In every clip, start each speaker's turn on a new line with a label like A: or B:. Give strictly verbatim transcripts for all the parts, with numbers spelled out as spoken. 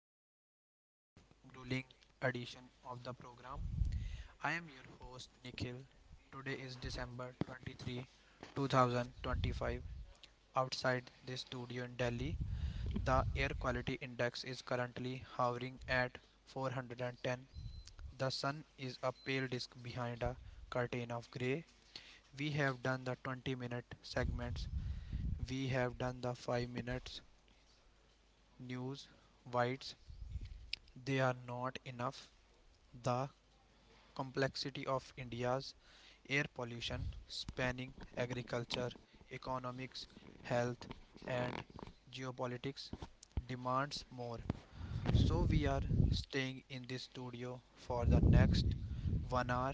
A: some might say grueling edition of the program. I am your host Nikhil. Today is December twenty-third, two thousand twenty-five. Outside this studio in Delhi, the air quality index is currently hovering at four hundred ten. The sun is a pale disk behind a curtain of gray. We have done the twenty minute segments. We have done the five minutes news, whites, they are not enough. The complexity of India's air pollution, spanning agriculture, economics, health, and geopolitics, demands more. So, we are staying in this studio for the next one hour.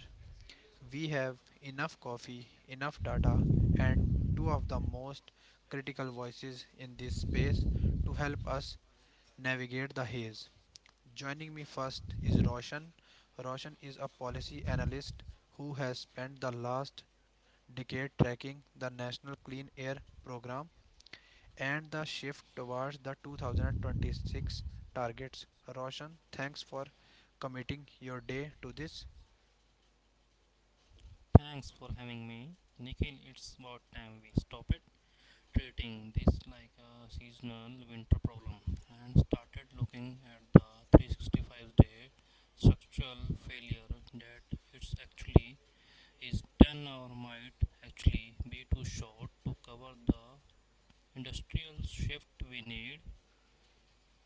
A: We have enough coffee, enough data, and two of the most critical voices in this space to help us navigate the haze. Joining me first is Roshan. Roshan is a policy analyst who has spent the last decade tracking the National Clean Air Program and the shift towards the two thousand twenty-six targets. Roshan, thanks for committing your day to this.
B: Thanks for having me, Nikhil. It's about time we stop it treating this like a seasonal winter problem and started looking at the three sixty-five day structural failure that it's actually is ten or might actually be too short to cover the industrial shift we need.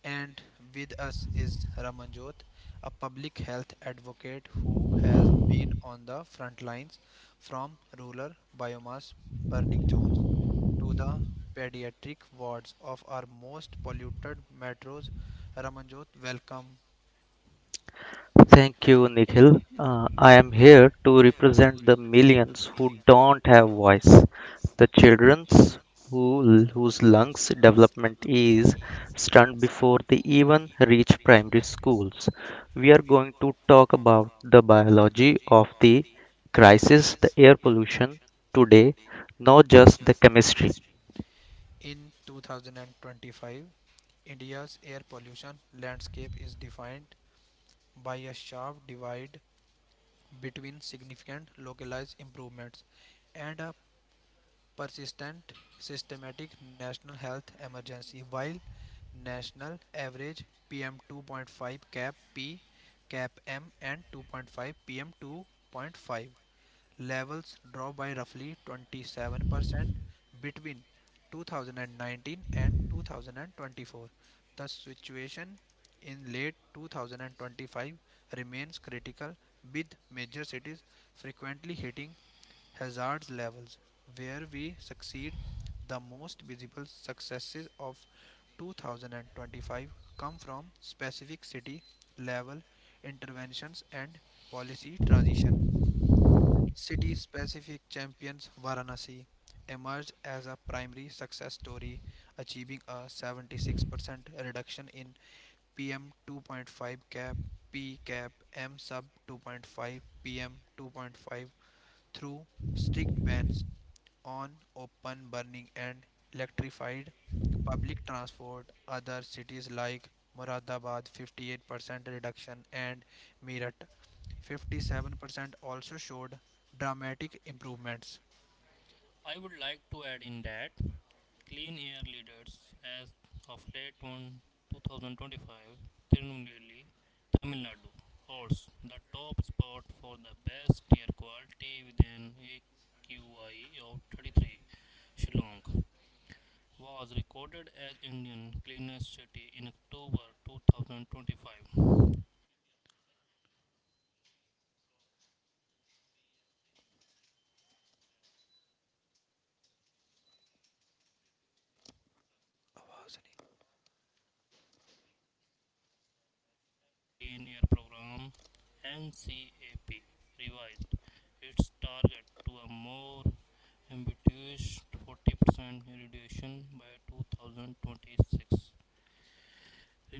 A: And with us is Ramanjot, a public health advocate who has been on the front lines from rural biomass burning zones to the pediatric wards of our most polluted metros. Ramanjot, welcome.
C: Thank you, Nikhil. Uh, I am here to represent the millions who don't have voice, the children who, whose lungs development is stunned before they even reach primary schools. We are going to talk about the biology of the crisis, the air pollution today, not just the chemistry.
A: In two thousand twenty-five, India's air pollution landscape is defined by a sharp divide between significant localized improvements and a persistent systematic national health emergency. While national average pm two point five cap p cap m and two point five pm two point five levels dropped by roughly twenty-seven percent between two thousand nineteen and two thousand twenty-four, the situation in late two thousand twenty-five remains critical, with major cities frequently hitting hazards levels. Where we succeed, the most visible successes of two thousand twenty-five come from specific city level interventions and policy transition. City specific champions: Varanasi emerged as a primary success story, achieving a seventy-six percent reduction in P M two point five cap, P cap, M sub two point five, P M two point five through strict bans on open burning and electrified public transport. Other cities like Muradabad fifty-eight percent reduction and Meerut fifty-seven percent also showed dramatic improvements.
B: I would like to add in that clean air leaders as of late on two thousand twenty-five, Tirunelveli, Tamil Nadu holds the top spot for the best air quality with an A Q I of thirty-three. Shillong was recorded as Indian cleanest city in October twenty twenty-five. India successfully leapfrogged to B S six emission standards, significantly reducing sulfur and NOx from vehicles. The National Clean Air Program NCAP revised its target to a more ambitious forty percent reduction by two thousand twenty-six.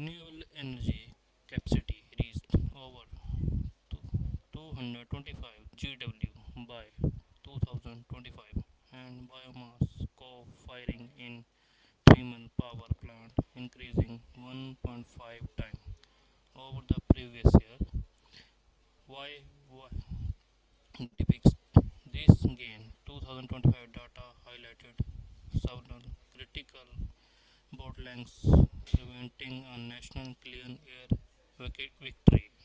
B: Renewable energy capacity reached over two hundred twenty-five G W by two thousand twenty-five, and biomass co-firing in Tiemann power plant increasing one point five times over the previous year. Why, why depicts this gain? twenty twenty-five data highlighted several critical bottlenecks preventing a national clean air victory.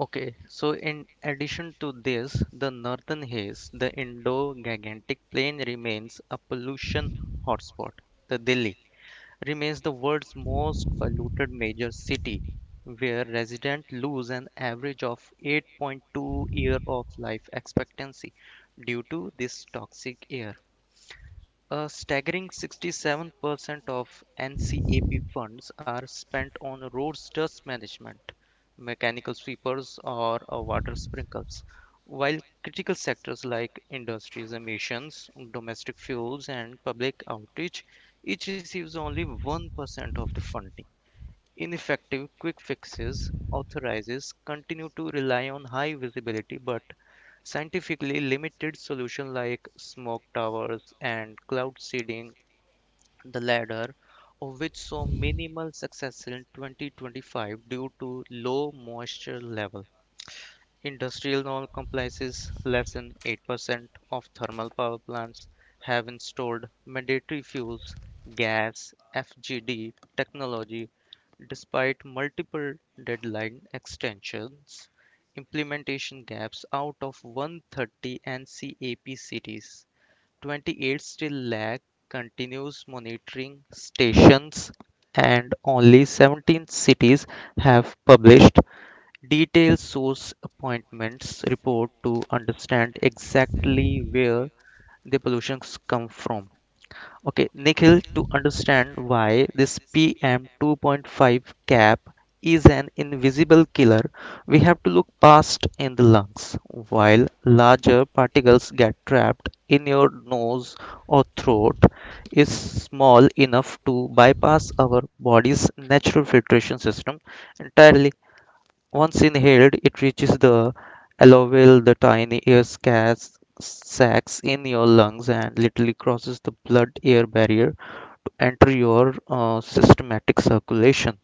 C: Okay, so in addition to this, the northern haze, the Indo-Gangetic Plain remains a pollution hotspot. The Delhi remains the world's most polluted major city, where residents lose an average of eight point two year of life expectancy due to this toxic air. A staggering sixty-seven percent of N CAP funds are spent on roads dust management, mechanical sweepers, or uh, water sprinkles, while critical sectors like industries, emissions, domestic fuels, and public outreach each receives only one percent of the funding. Ineffective quick fixes authorities continue to rely on high visibility but scientifically limited solutions like smoke towers and cloud seeding, the latter of which saw minimal success in twenty twenty-five due to low moisture level. Industrial norm comprises less than eight percent of thermal power plants have installed mandatory fuels gas F G D technology despite multiple deadline extensions. Implementation gaps out of one hundred thirty N CAP cities, twenty-eight still lack continuous monitoring stations and only seventeen cities have published detailed source appointments report to understand exactly where the pollutions come from. Okay, Nikhil, to understand why this P M two point five cap is an invisible killer, we have to look past in the lungs. While larger particles get trapped in your nose or throat, is small enough to bypass our body's natural filtration system entirely. Once inhaled, it reaches the alveoli, the tiny air scads- sacs in your lungs, and literally crosses the blood-air barrier to enter your uh, systematic circulation.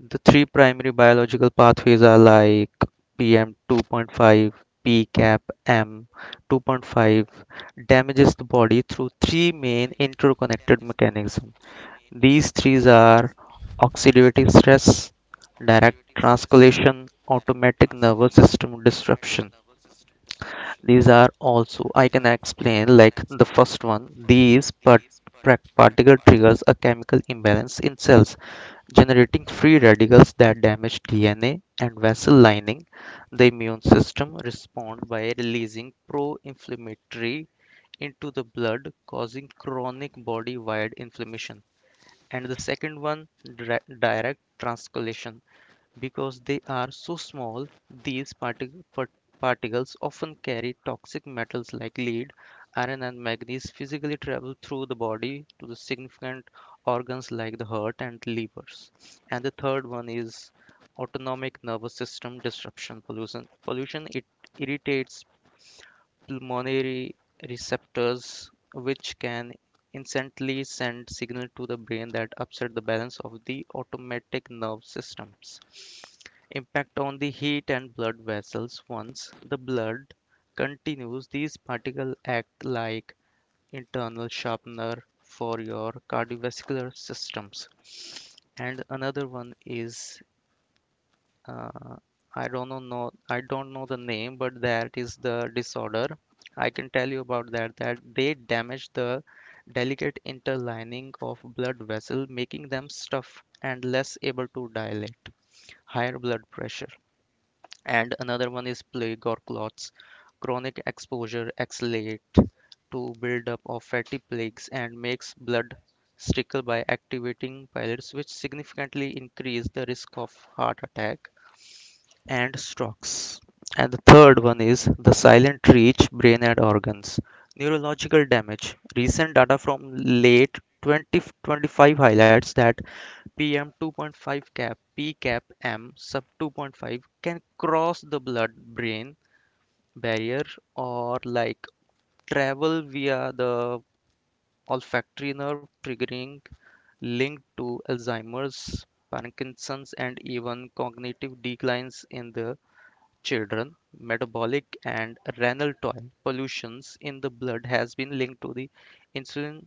C: The three primary biological pathways are like P M two point five, P CAP, M two point five, damages the body through three main interconnected mechanisms. These threes are oxidative stress, direct translocation, automatic nervous system disruption. These are also, I can explain like the first one. These part- particle triggers a chemical imbalance in cells, generating free radicals that damage D N A and vessel lining. The immune system responds by releasing pro-inflammatory into the blood, causing chronic body-wide inflammation and the second one direct translocation, because they are so small these partic- par- particles often carry toxic metals like lead iron and manganese physically travel through the body to the significant organs like the heart and livers and the third one is autonomic nervous system disruption pollution pollution it irritates pulmonary receptors which can instantly send signal to the brain that upset the balance of the automatic nerve systems impact on the heat and blood vessels once the blood continues these particles act like internal sharpener for your cardiovascular systems and another one is uh, I don't know, know I don't know the name, but that is the disorder. I can tell you about that that they damage the delicate interlining of blood vessel, making them stuff and less able to dilate. Higher blood pressure. And another one is plague or clots. Chronic exposure accelerate to build up of fatty plaques and makes blood trickle by activating pillets, which significantly increase the risk of heart attack and strokes. And the third one is the silent reach, brain and organs. Neurological damage. Recent data from late twenty twenty-five highlights that P M two point five cap, P CAP M sub two point five can cross the blood brain barrier or like travel via the olfactory nerve, triggering linked to Alzheimer's, Parkinson's, and even cognitive declines in the children, metabolic and renal toil pollutions in the blood has been linked to the insulin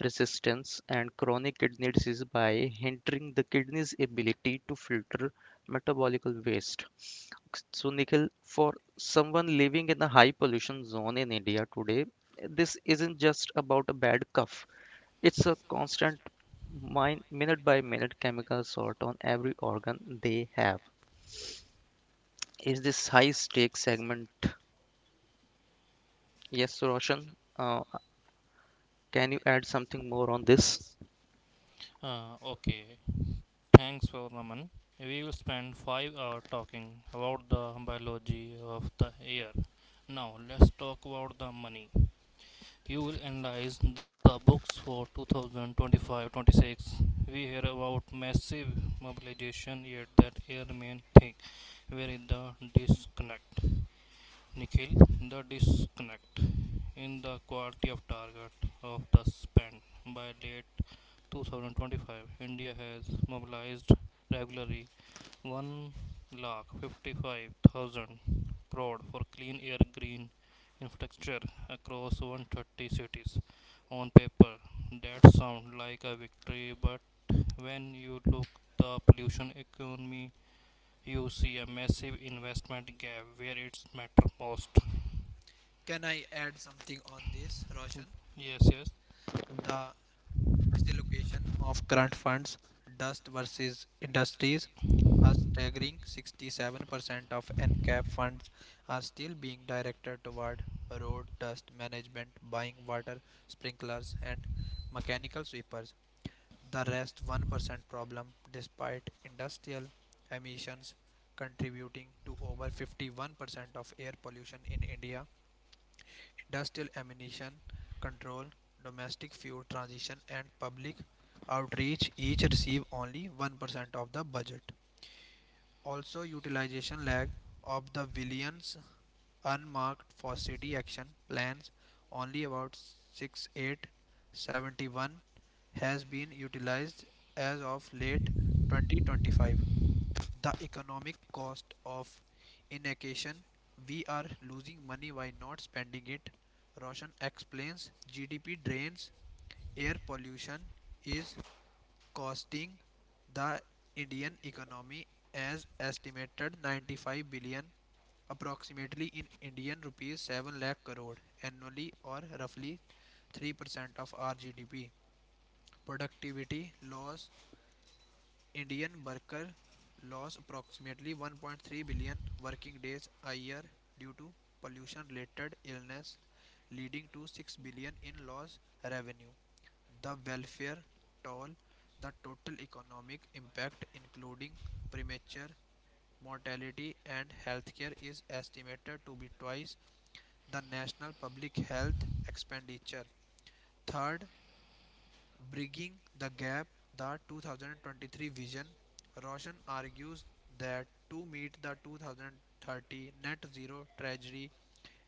C: resistance and chronic kidney disease by hindering the kidney's ability to filter metabolic waste. So, Nikhil, for someone living in a high pollution zone in India today, this isn't just about a bad cough. It's a constant minute by minute chemical assault on every organ they have. Is this high stake segment? Yes, Roshan, uh, can you add something more on this?
B: Uh, okay, thanks for Raman. We will spend five hours talking about the biology of the air. Now let's talk about the money. You will analyze the books for two thousand twenty-five-twenty-six. We hear about massive mobilization, yet that air remain thick. Where is the disconnect? Nikhil, the disconnect in the quality of target of the spend by late twenty twenty-five. India has mobilized regularly one lakh fifty-five thousand crore for clean air green infrastructure across one hundred thirty cities. On paper, that sounds like a victory, but when you look the pollution economy, you see a massive investment gap where it's matter most.
A: Can I add something on this, Roshan?
B: Yes, yes,
A: The misallocation of current funds, dust versus industries. A staggering sixty-seven percent of N CAP funds are still being directed toward road dust management, buying water sprinklers, and mechanical sweepers. The rest one percent problem, despite industrial emissions contributing to over fifty-one percent of air pollution in India, industrial ammunition control, domestic fuel transition, and public outreach each receive only one percent of the budget. Also, utilization lag of the billions unmarked for city action plans, only about six eight seven one has been utilized as of late twenty twenty-five. The economic cost of inaction: we are losing money by not spending it. Roshan explains GDP drains. Air pollution is costing the Indian economy as estimated ninety-five billion, approximately in Indian rupees seven lakh crore annually, or roughly three percent of our GDP. Productivity loss: Indian worker loss approximately one point three billion working days a year due to pollution related illness, leading to six billion in lost revenue. The welfare toll: the total economic impact, including premature mortality and healthcare, is estimated to be twice the national public health expenditure. Third, bridging the gap, the two thousand twenty-three vision. Roshan argues that to meet the two thousand thirty net zero trajectory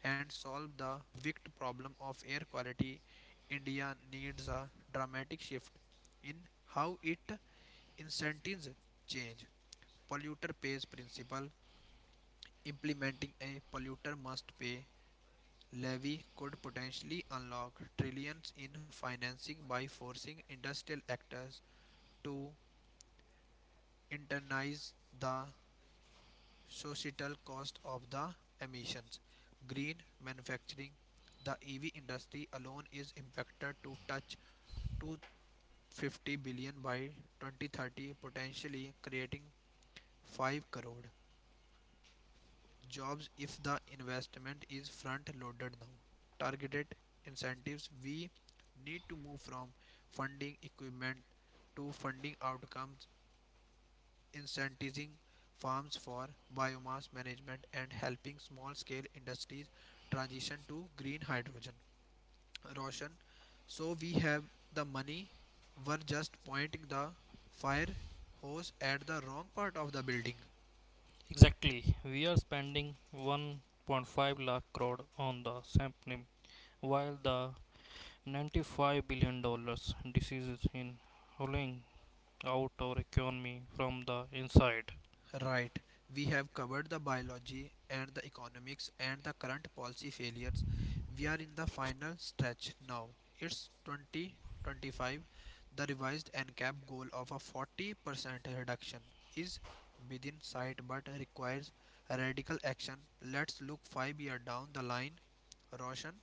A: and solve the wicked problem of air quality, India needs a dramatic shift in how it incentives change. Polluter pays principle: implementing a polluter must pay levy could potentially unlock trillions in financing by forcing industrial actors to internalize the societal cost of the emissions. Green manufacturing: the E V industry alone is impacted to touch two hundred fifty billion by twenty thirty, potentially creating five crore jobs if the investment is front loaded now. Targeted incentives: we need to move from funding equipment to funding outcomes, incentivizing farms for biomass management and helping small scale industries transition to green hydrogen. Roshan, so we have the money, we're just pointing the fire hose at the wrong part of the building.
B: exactly. We are spending one point five lakh crore on the sampling, while the ninety-five billion dollars diseases in hauling out our economy from the inside.
A: Right. We have covered the biology and the economics and the current policy failures. We are in the final stretch now. It's twenty twenty-five. The revised N CAP goal of a forty percent reduction is within sight but requires radical action. Let's look five years down the line. Roshan,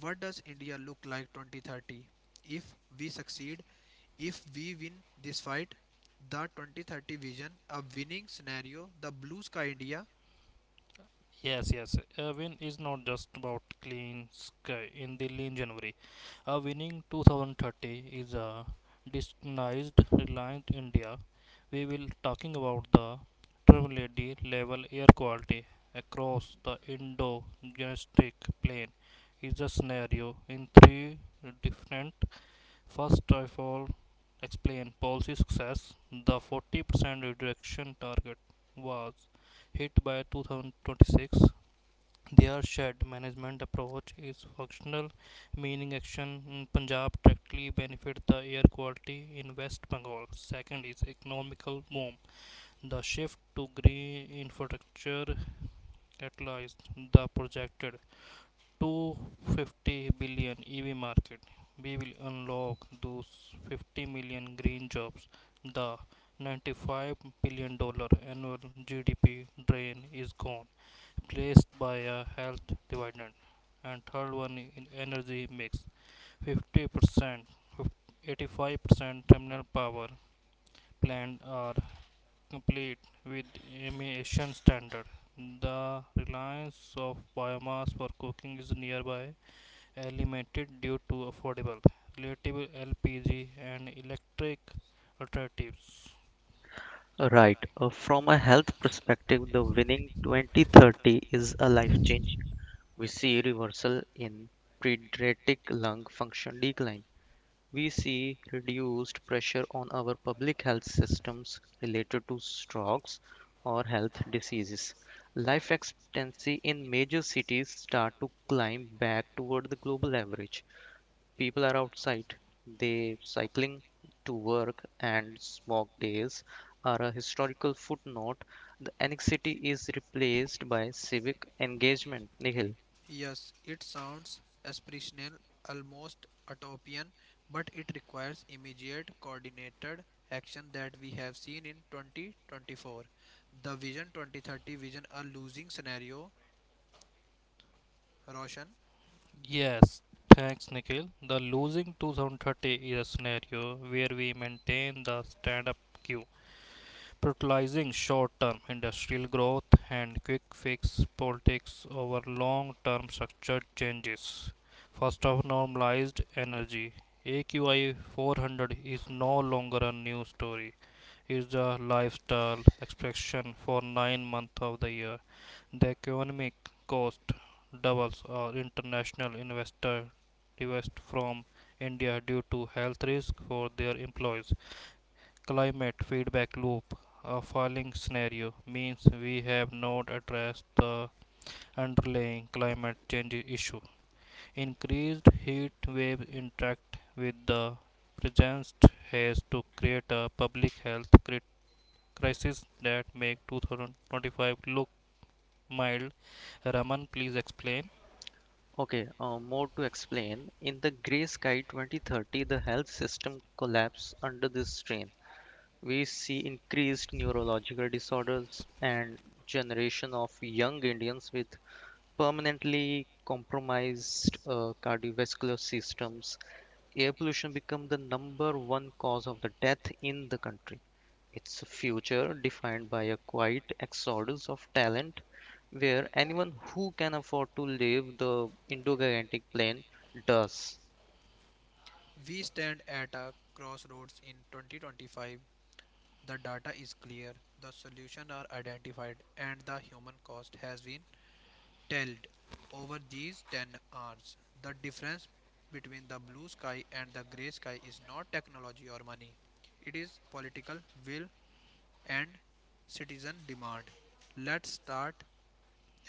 A: what does India look like twenty thirty? If we succeed, if we win this fight, the twenty thirty vision, a winning scenario, the blue sky India.
B: Yes, yes. A win is not just about clean sky in the lean January. A winning two thousand thirty is a disguised Reliant India. We will talking about the triple level air quality across the indo gangetic plain is a scenario in three different. First of all, explain policy success. The forty percent reduction target was hit by two thousand twenty-six. Their shared management approach is functional, meaning action in Punjab directly benefit the air quality in West Bengal. Second is economical boom. The shift to green infrastructure catalyzed the projected two hundred fifty billion E V market, we will unlock those fifty million green jobs. The ninety-five billion dollar annual G D P drain is gone, replaced by a health dividend. And third one in energy mix, 50 percent, 85 percent terminal power plant are complete with emission standard. The reliance of biomass for cooking is nearby eliminated due to affordable, relatable L P G and electric alternatives.
C: Right. Uh, from a health perspective, the winning twenty thirty is a life changing. We see reversal in pediatric lung function decline. We see reduced pressure on our public health systems related to strokes or health diseases. Life expectancy in major cities start to climb back toward the global average. People are outside, they cycling to work and smog days are a historical footnote. The annexity is replaced by civic engagement, Nikhil.
A: Yes, it sounds aspirational, almost utopian, but it requires immediate coordinated action that we have seen in twenty twenty-four. The Vision twenty thirty vision, a losing scenario, Roshan.
B: Yes, thanks Nikhil. The losing twenty thirty is a scenario where we maintain the stand up queue, prioritizing short term industrial growth and quick fix politics over long term structural changes. First of normalized energy. A Q I four hundred is no longer a news story. Is the lifestyle expression for nine months of the year. The economic cost doubles our international investor divest from India due to health risk for their employees. Climate feedback loop, a falling scenario means we have not addressed the underlying climate change issue. Increased heat waves interact with the present haze to create a public health crit- crises that make two thousand twenty-five look mild. Raman, please explain.
C: Okay, uh, more to explain in the gray sky twenty thirty the health system collapse under this strain. We see increased neurological disorders and generation of young indians with permanently compromised uh, cardiovascular systems. Air pollution become the number one cause of the death in the country. Its a future defined by a quiet exodus of talent where anyone who can afford to leave the indo gangetic plain does.
A: We stand at a crossroads in twenty twenty-five. The data is clear, the solutions are identified, and the human cost has been telled over these ten hours. The difference between the blue sky and the grey sky is not technology or money, it is political will and citizen demand. Let's start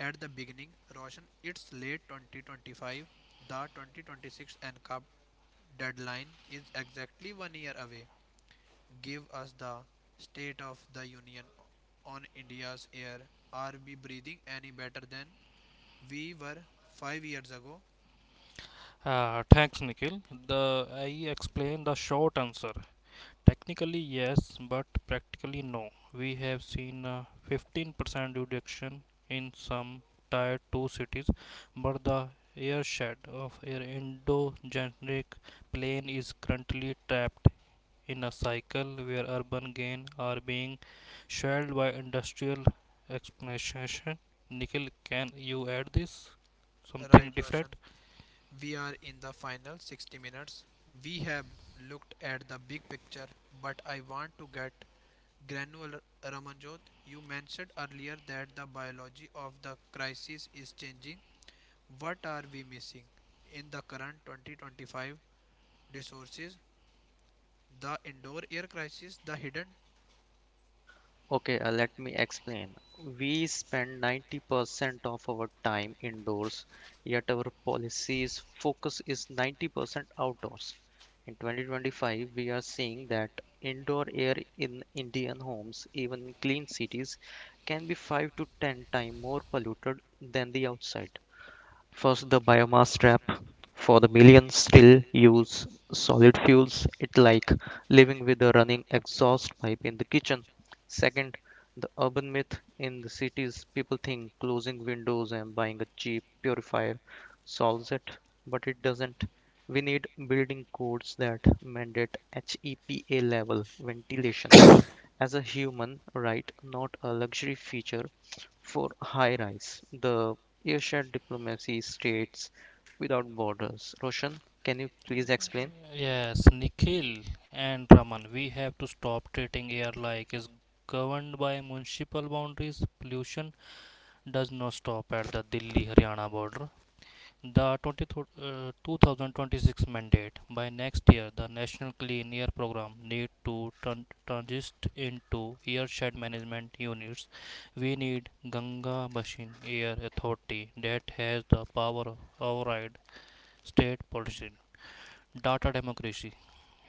A: at the beginning. Roshan, it's late twenty twenty-five. The twenty twenty-six N CAP deadline is exactly one year away. Give us the State of the Union on India's air. Are we breathing any better than we were five years ago,
B: Uh, thanks, Nikhil. The I explain the short answer. Technically, yes, but practically, no. We have seen a fifteen percent reduction in some tier two cities, but the airshed of air Indo-Generic plane is currently trapped in a cycle where urban gains are being shelled by industrial expansion. Nikhil, can you add this? Something
A: right, Roshan?
B: different?
A: We are in the final sixty minutes. We have looked at the big picture, but I want to get granular. Ramanjot, you mentioned earlier that the biology of the crisis is changing. What are we missing in the current twenty twenty-five discourses? The indoor air crisis, the hidden.
C: Okay, uh, let me explain. We spend ninety percent of our time indoors, yet our policy's focus is ninety percent outdoors. In twenty twenty-five, we are seeing that indoor air in Indian homes, even in clean cities, can be five to ten times more polluted than the outside. First the biomass trap. For the millions still use solid fuels, it like living with a running exhaust pipe in the kitchen. Second, the urban myth in the cities people think closing windows and buying a cheap purifier solves it, but it doesn't. We need building codes that mandate HEPA level ventilations as a human right, not a luxury feature for high rise. The Asia diplomacy states without borders. Roshan, can you please explain?
B: Yes, Nikhil and Raman, we have to stop treating air like it's governed by municipal boundaries. Pollution does not stop at the Delhi Haryana border. The uh, two thousand twenty-six mandate by next year, the National Clean Air Program need to tran- transit into airshed management units. We need Ganga Basin Air Authority that has the power of override state policy. Data democracy.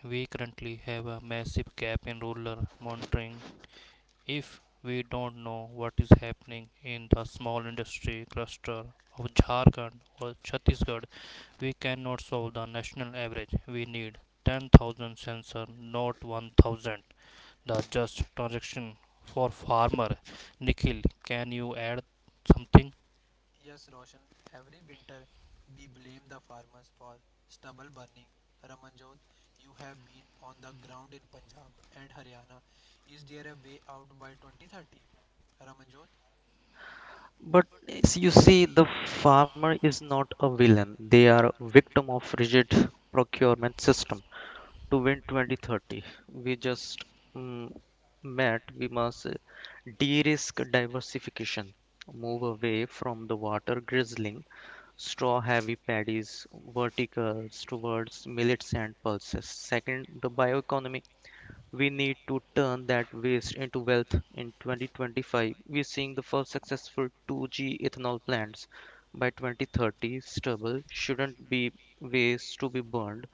B: We currently have a massive gap in rural monitoring. If we don't know what is happening in the small industry cluster of Jharkhand or Chhattisgarh, we cannot solve the national average. We need ten thousand sensor, not one thousand. The just transaction for farmer. Nikhil, can you add something?
A: Yes, Roshan, every winter we blame the farmers for stubble burning. Ramanjot, you have been on the ground in Punjab and Haryana. Is there a way out by twenty thirty? Ramanjot?
C: But s- you see, the farmer is not a villain. They are a victim of rigid procurement system. To win twenty thirty, we just mm, met, we must uh, de-risk diversification, move away from the water grizzling, straw-heavy paddies, verticals towards millets and pulses. Second, the bioeconomy. We need to turn that waste into wealth. In twenty twenty-five, we're seeing the first successful two G ethanol plants. By twenty thirty, stubble shouldn't be waste to be burned.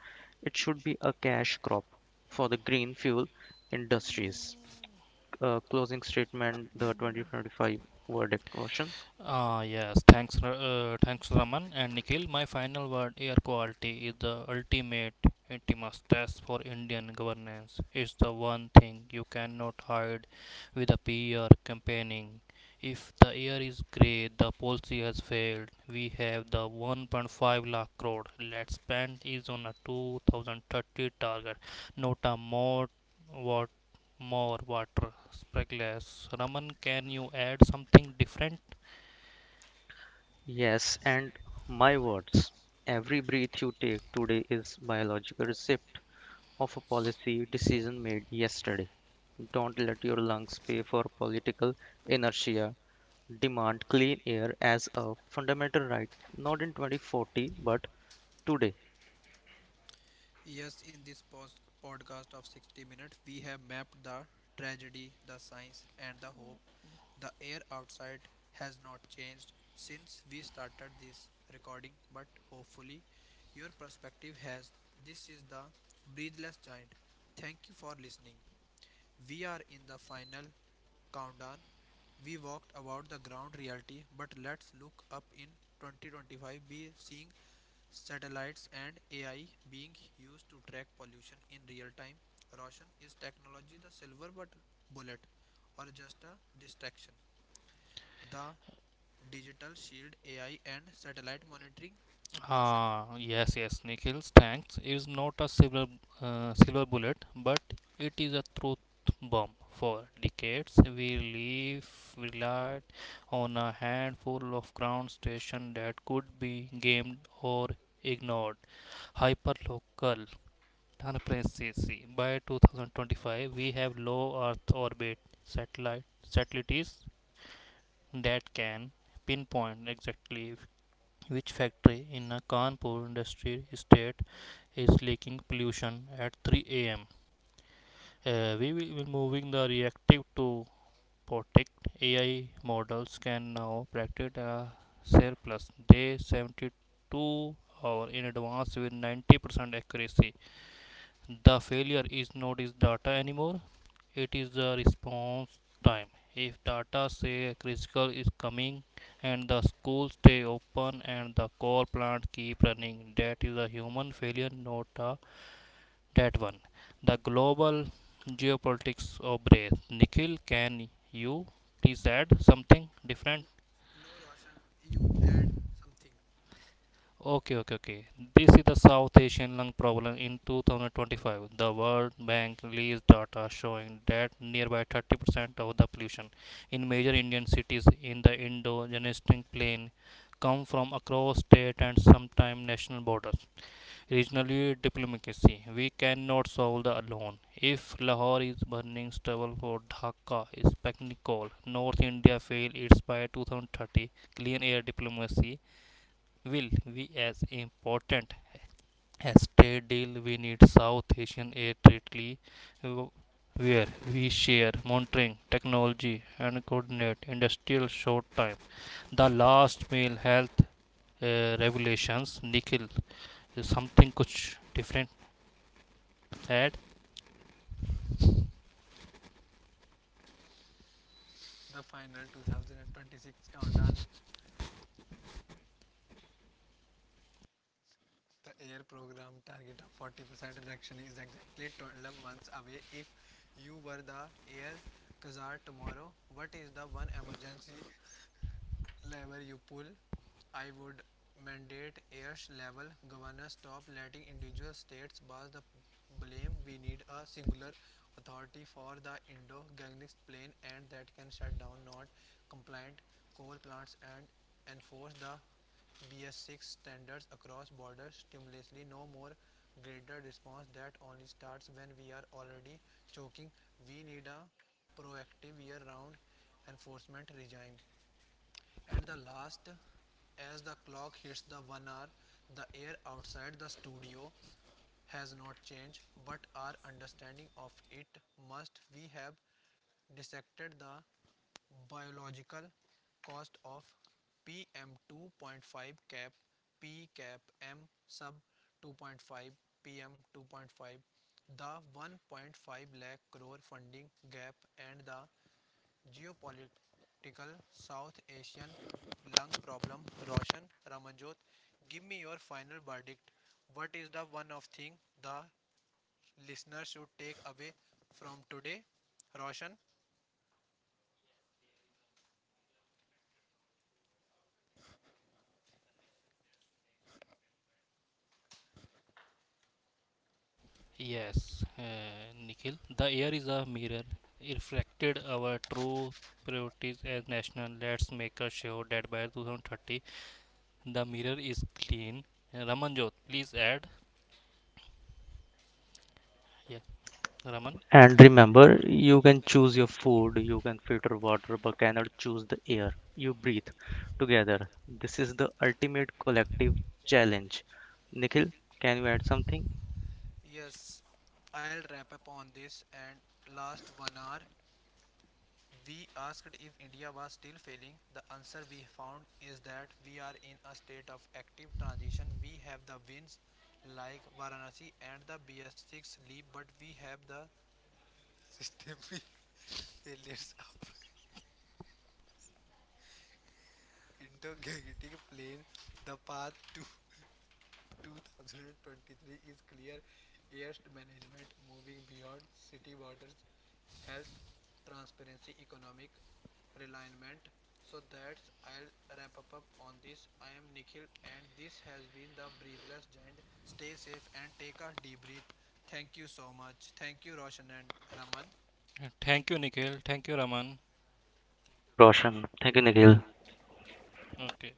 C: It should be a cash crop for the green fuel industries. Uh, closing statement, the twenty twenty-five verdict, Roshan.
B: Ah, yes, thanks, Ra- uh, thanks Raman and Nikhil. My final word, air quality, is the ultimate intimus test for Indian governance. It's the one thing you cannot hide with a P R campaigning. If the air is grey, the policy has failed. We have the one point five lakh crore. Let's spend is on a two thousand thirty target, not a more what more water speckless. Raman, can you add something different?
C: Yes, and my words. Every breath you take today is biological receipt of a policy decision made yesterday. Don't let your lungs pay for political inertia. Demand clean air as a fundamental right, not in twenty forty, but today.
A: Yes, in this post- podcast of sixty minutes, we have mapped the tragedy, the science, and the hope. The air outside has not changed since we started this recording, but hopefully your perspective has. This is the Breathless Giant. Thank you for listening. We are in the final countdown. We walked about the ground reality, but let's look up in twenty twenty-five be seeing satellites and A I being used to track pollution in real time. Roshan, is technology the silver but bullet or just a distraction? The digital shield, AI and satellite monitoring, Roshan.
B: Ah, yes, yes. Nickels tanks is not a silver uh, silver bullet, but it is a truth bomb. For decades, we live relied on a handful of ground stations that could be gamed or ignored. Hyperlocal transparency. By twenty twenty-five, we have low Earth orbit satellite satellites that can pinpoint exactly which factory in a Kanpur industrial estate is leaking pollution at three a m? Uh, we will be moving the reactive to Potic. A I models can now predict a surplus. They seventy-two hour in advance with ninety percent accuracy. The failure is not is data anymore. It is the response time. If data say critical is coming and the school stay open and the coal plant keep running, that is a human failure, not a that one. The global geopolitics of breath. Nikhil, can you please add something different?
A: N- no, Roshan, you add something.
B: Okay, okay, okay. This is the South Asian lung problem in two thousand twenty-five. The World Bank released data showing that nearby thirty percent of the pollution in major Indian cities in the indo gangetic plain come from across state and sometimes national borders. Regionally diplomacy. We cannot solve the alone. If Lahore is burning stubble for Dhaka is packing coal, North India fail its by two thousand thirty clean air diplomacy will be as important as trade deal. We need South Asian air trade where we share monitoring technology and coordinate industrial short time, the last meal health, uh, regulations. Nikhil, uh, something kuch different add.
A: The final two thousand twenty-six countdown, the air program target of forty percent reduction is exactly twelve months away. If you were the air czar tomorrow, what is the one emergency lever you pull? I would mandate Ayers level governors stop letting individual states pass the blame. We need a singular authority for the Indo Gangetic Plain, and that can shut down not compliant coal plants and enforce the B S six standards across borders stimulantly. No more greater response that only starts when we are already choking. We need a proactive year round enforcement regime. And the last, as the clock hits the one hour, the air outside the studio has not changed, but our understanding of it must. We have dissected the biological cost of pm two point five cap p cap m sub two point five pm two point five, the one point five lakh crore funding gap, and the geopolitical South Asian lung problem. Roshan, Ramanjot, give me your final verdict. What is the one of thing the listener should take away from today? Roshan,
B: Yes, uh, Nikhil, the air is a mirror reflected our true priorities as national. Let's make sure that by two thousand thirty the mirror is clean. Ramanjot, please add. Yeah, Raman.
C: And remember, you can choose your food, you can filter water, but cannot choose the air you breathe together. This is the ultimate collective challenge. Nikhil, can you add something?
A: yes, I'll wrap up on this and last one hour. We asked if India was still failing. The answer we found is that we are in a state of active transition. We have the wins like Varanasi and the B S six leap, but we have the systemic failures of integrating plane. The path to twenty twenty-three is clear. Air management moving beyond city borders, health, transparency, economic realignment. So that's I'll wrap up, up on this. I am Nikhil and this has been the Breathless Giant. Stay safe and take a deep breath. Thank you so much. Thank you Roshan and Raman.
B: Thank you, Nikhil. Thank you, Raman.
C: Thank you, Roshan. Thank you, Nikhil.
B: Okay.